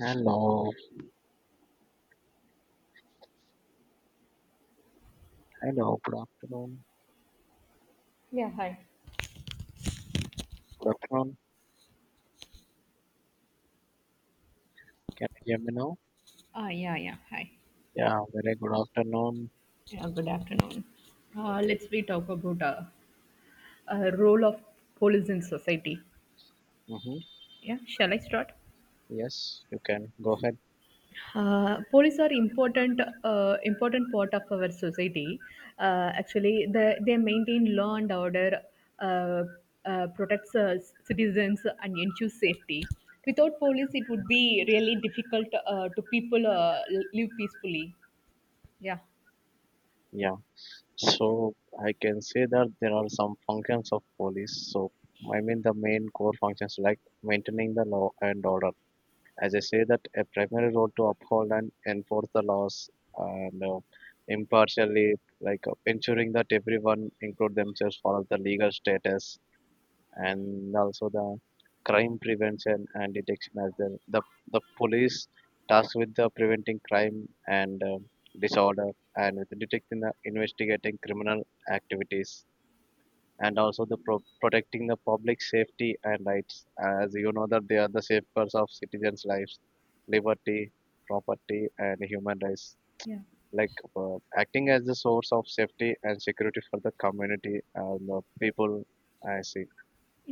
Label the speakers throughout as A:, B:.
A: Hello, hello, good afternoon.
B: Yeah, hi.
A: Good afternoon. Can you hear me now?
B: Yeah. Hi.
A: Yeah, very good afternoon.
B: Yeah, good afternoon. Let's we talk about role of police in society.
A: Mm-hmm.
B: Yeah, shall I start?
A: Yes, you can go ahead.
B: Police are important, important part of our society. Actually, they maintain law and order, uh, protects citizens and ensures safety. Without police, it would be really difficult to people live peacefully. Yeah,
A: Yeah. So I can say that there are some functions of police. So I mean the main core functions like maintaining the law and order. As I say that a primary role to uphold and enforce the laws and impartially, like ensuring that everyone include themselves follow the legal status, and also the crime prevention and detection as well. The police tasked with the preventing crime and disorder, and with detecting the investigating criminal activities, and also the protecting the public safety and rights, as you know that they are the safeguards of citizens' lives, liberty, property and human rights,
B: yeah.
A: like acting as the source of safety and security for the community and the people. I see.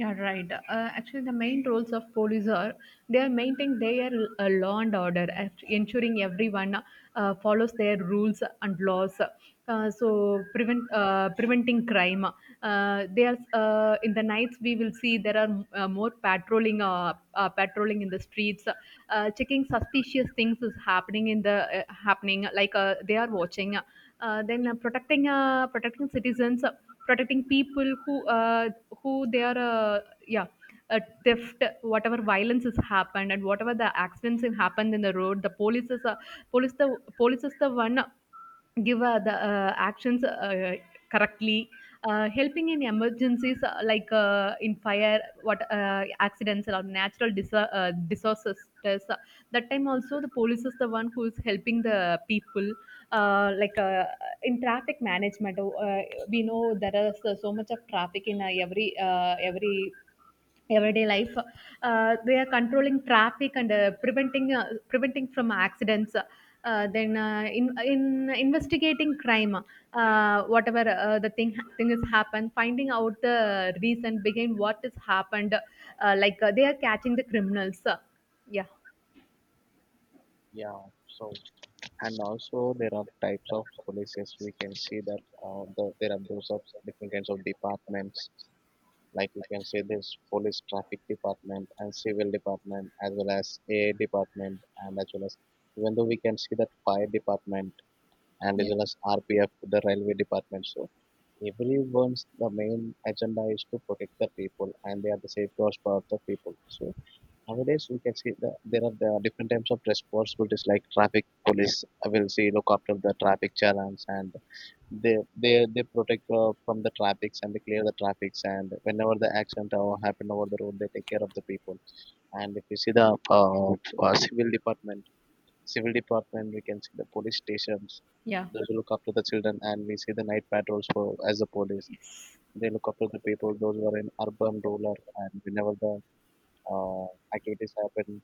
B: Yeah, right. Uh, Actually, the main roles of police are they are maintaining their law and order, ensuring everyone follows their rules and laws. Preventing crime. They are, in the nights we will see there are more patrolling, patrolling in the streets, checking suspicious things is happening in the, happening, like they are watching. Then protecting Protecting citizens, protecting people who they are yeah a theft, whatever violence has happened, and whatever the accidents have happened in the road, the police is, police the police is the one, give the actions correctly, helping in emergencies, like in fire, what, accidents or natural disasters, protesters. That time also the police is the one who is helping the people, uh, like uh, in traffic management. We know there is so much of traffic in every everyday life. They are controlling traffic and preventing from accidents. Then in Investigating crime, whatever the thing has happened, finding out the reason behind what has happened, they are catching the criminals. yeah.
A: Yeah, so and also there are types of polices. We can see that there are those of different kinds of departments like you can say this police traffic department and civil department as well as a department, and as well as, even though we can see that fire department and as
B: Yeah.
A: well as RPF, the railway department. So everyone's the main agenda is to protect the people, and they are the safeguards for the people. So nowadays, we can see that there are the different types of responsibilities like traffic police will see, look after the traffic channels, and they they protect from the traffics, and they clear the traffics, and whenever the accident happen over the road, they take care of the people. And if you see the uh, civil department, civil department, we can see the police stations,
B: Yeah,
A: those who look after the children, and we see the night patrols. For as the police, they look after the people those who are in urban, rural, and whenever the uh, activities happen,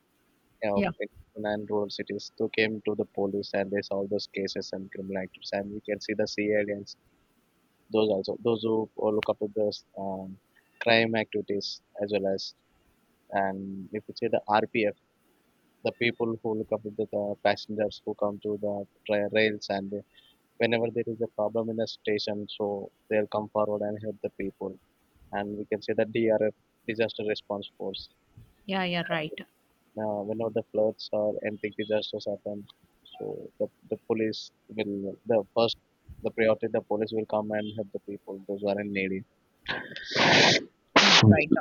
A: you know,
B: yeah,
A: in rural cities, to came to the police, and they solve those cases and criminal activities. And we can see the CID, and those also, those who look up to those crime activities as well as. And if you see the RPF, the people who look up to the passengers who come to the rails, and they, whenever there is a problem in the station, so they'll come forward and help the people. And we can see the DRF, disaster response force.
B: yeah, yeah, right.
A: Now, whenever the floods or anything disasters happen, so the police will, the first, the priority, the police will come and help the people those who are in need.
B: Yeah, right.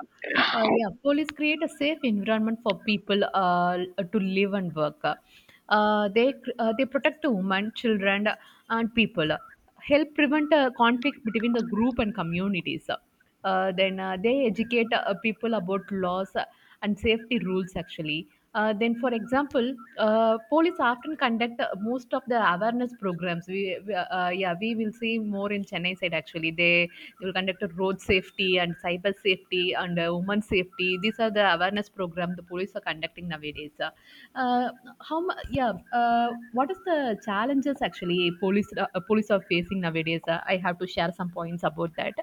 B: Yeah, Police create a safe environment for people to live and work. They protect women, children, and people. Help prevent conflict between the group and communities. Then They educate people about laws and safety rules actually. Then, for example, police often conduct most of the awareness programs. We Yeah, we will see more in Chennai side actually. They will conduct a road safety and cyber safety and women safety. These are the awareness program the police are conducting nowadays. Uh, yeah? What is the challenges actually police, police are facing nowadays? I have to share some points about that.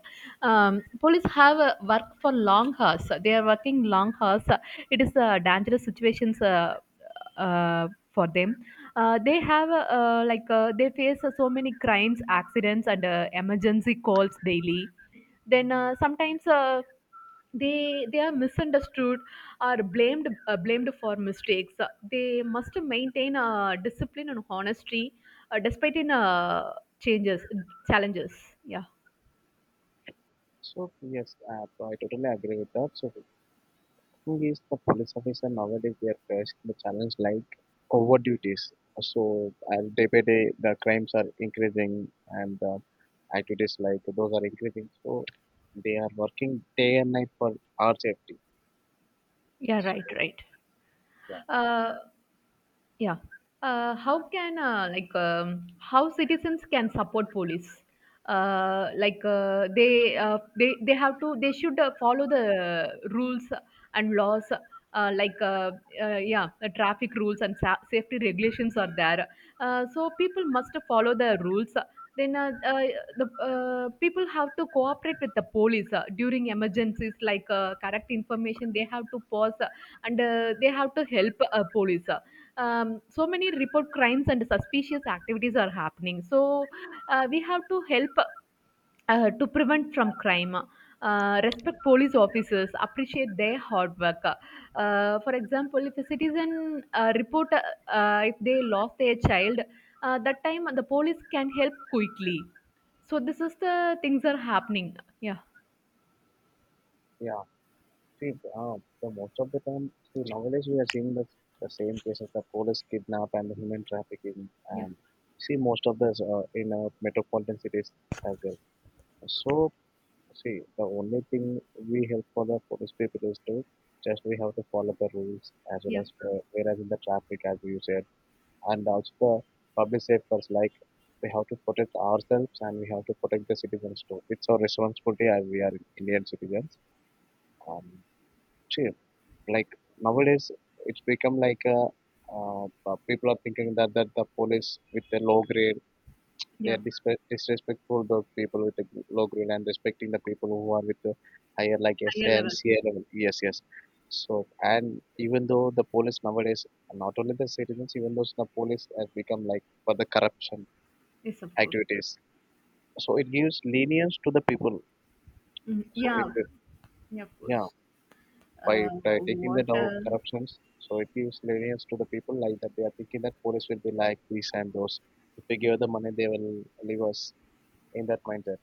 B: Police have work for long hours. They are working long hours. It is dangerous situations, for them. They have, they face so many crimes, accidents, and emergency calls daily. Then Sometimes they are misunderstood or blamed, blamed for mistakes. They must maintain discipline and honesty despite in changes challenges. yeah
A: So yes, so I totally agree with that. So the thing is, the police officer nowadays, they are facing the challenge like over duties. So as day by day the crimes are increasing, and the activities like those are increasing. So they are working day and night for our safety.
B: Yeah, right,
A: So
B: right.
A: yeah,
B: uh, Yeah. How citizens can support police? Like they have to They should follow the rules and laws. Uh, like uh, yeah, the traffic rules and safety regulations are there. So people must follow the rules. Then the People have to cooperate with the police during emergencies, like correct information. They have to pause, and they have to help police. Um, so many report crimes and suspicious activities are happening. So we have to help to prevent from crime, respect police officers, appreciate their hard work. For example, if a citizen report if they lost their child, that time the police can help quickly. So this is the things are happening. yeah
A: yeah. See, the most of the time, see, nowadays we are seeing the same cases, the police kidnap and the human trafficking,
B: yeah
A: and see most of this in metropolitan cities as well. So, see, the only thing we help for the police people is to just we have to follow the rules, as well
B: Yeah,
A: as whereas in the traffic, as you said, and also the public safeguards, like we have to protect ourselves, and we have to protect the citizens too. It's our responsibility as we are Indian citizens. Um, cheap. Like nowadays, it's become like a, people are thinking that, that the police with the low grade, they
B: yeah,
A: are disrespectful the people with the low grade, and respecting the people who are with the higher like
B: Higher level.
A: SNCA level. Yes, yes. So and even though the police nowadays, not only the citizens, even though the police has become like for the corruption
B: Yes, of course.
A: activities, so it gives lenience to the people.
B: Mhm.
A: So if
B: Yeah,
A: it,
B: yeah, of
A: yeah,
B: course.
A: by taking
B: What
A: that out
B: else?
A: corruptions. So it gives lenience to the people like that. They are thinking that police will be like these and those. If we give the money, they will leave us in that mindset.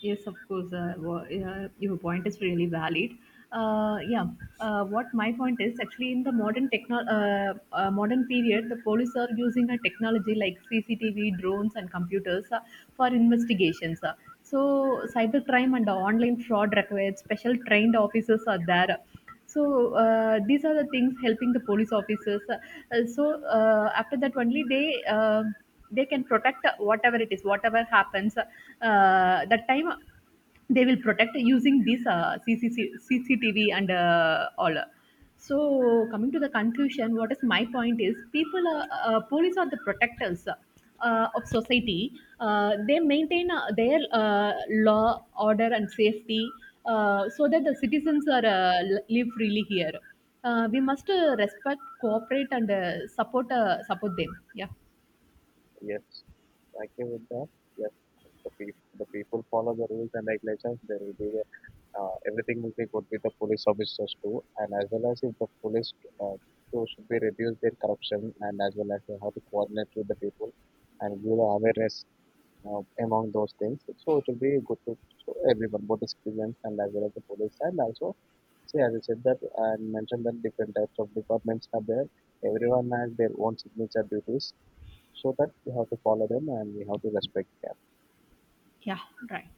B: Yes, of course. Yeah, your point is really valid. Uh, yeah. What my point is, actually, in the modern techno modern period, the police are using a technology like CCTV, drones, and computers, for investigations. So cybercrime and the online fraud required special trained officers are there. So these are the things helping the police officers, after that only they, they can protect whatever it is, whatever happens, that time they will protect using this, CCC, and all. So coming to the conclusion, what is my point is people are police are the protectors of society. They maintain their law, order, and safety, so that the citizens are live freely here. We must respect, cooperate, and support them. Yeah,
A: Yes, I agree with that. Yes, the people, the people follow the rules and regulations. There will be the, everything will be good with the police officers too, and as well as if the police uh, too should be reduce their corruption, and as well as they have to coordinate with the people and give the awareness among those things. So it will be good to, so everyone, both the citizens and as well as the police. And also, see, as I said that and mentioned that different types of departments are there. Everyone has their own signature duties, so that we have to follow them and we have to respect them.
B: yeah, right.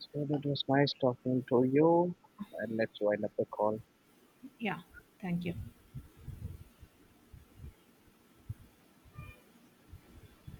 A: So that was nice talking to you, and let's wind up the call.
B: Yeah, thank you.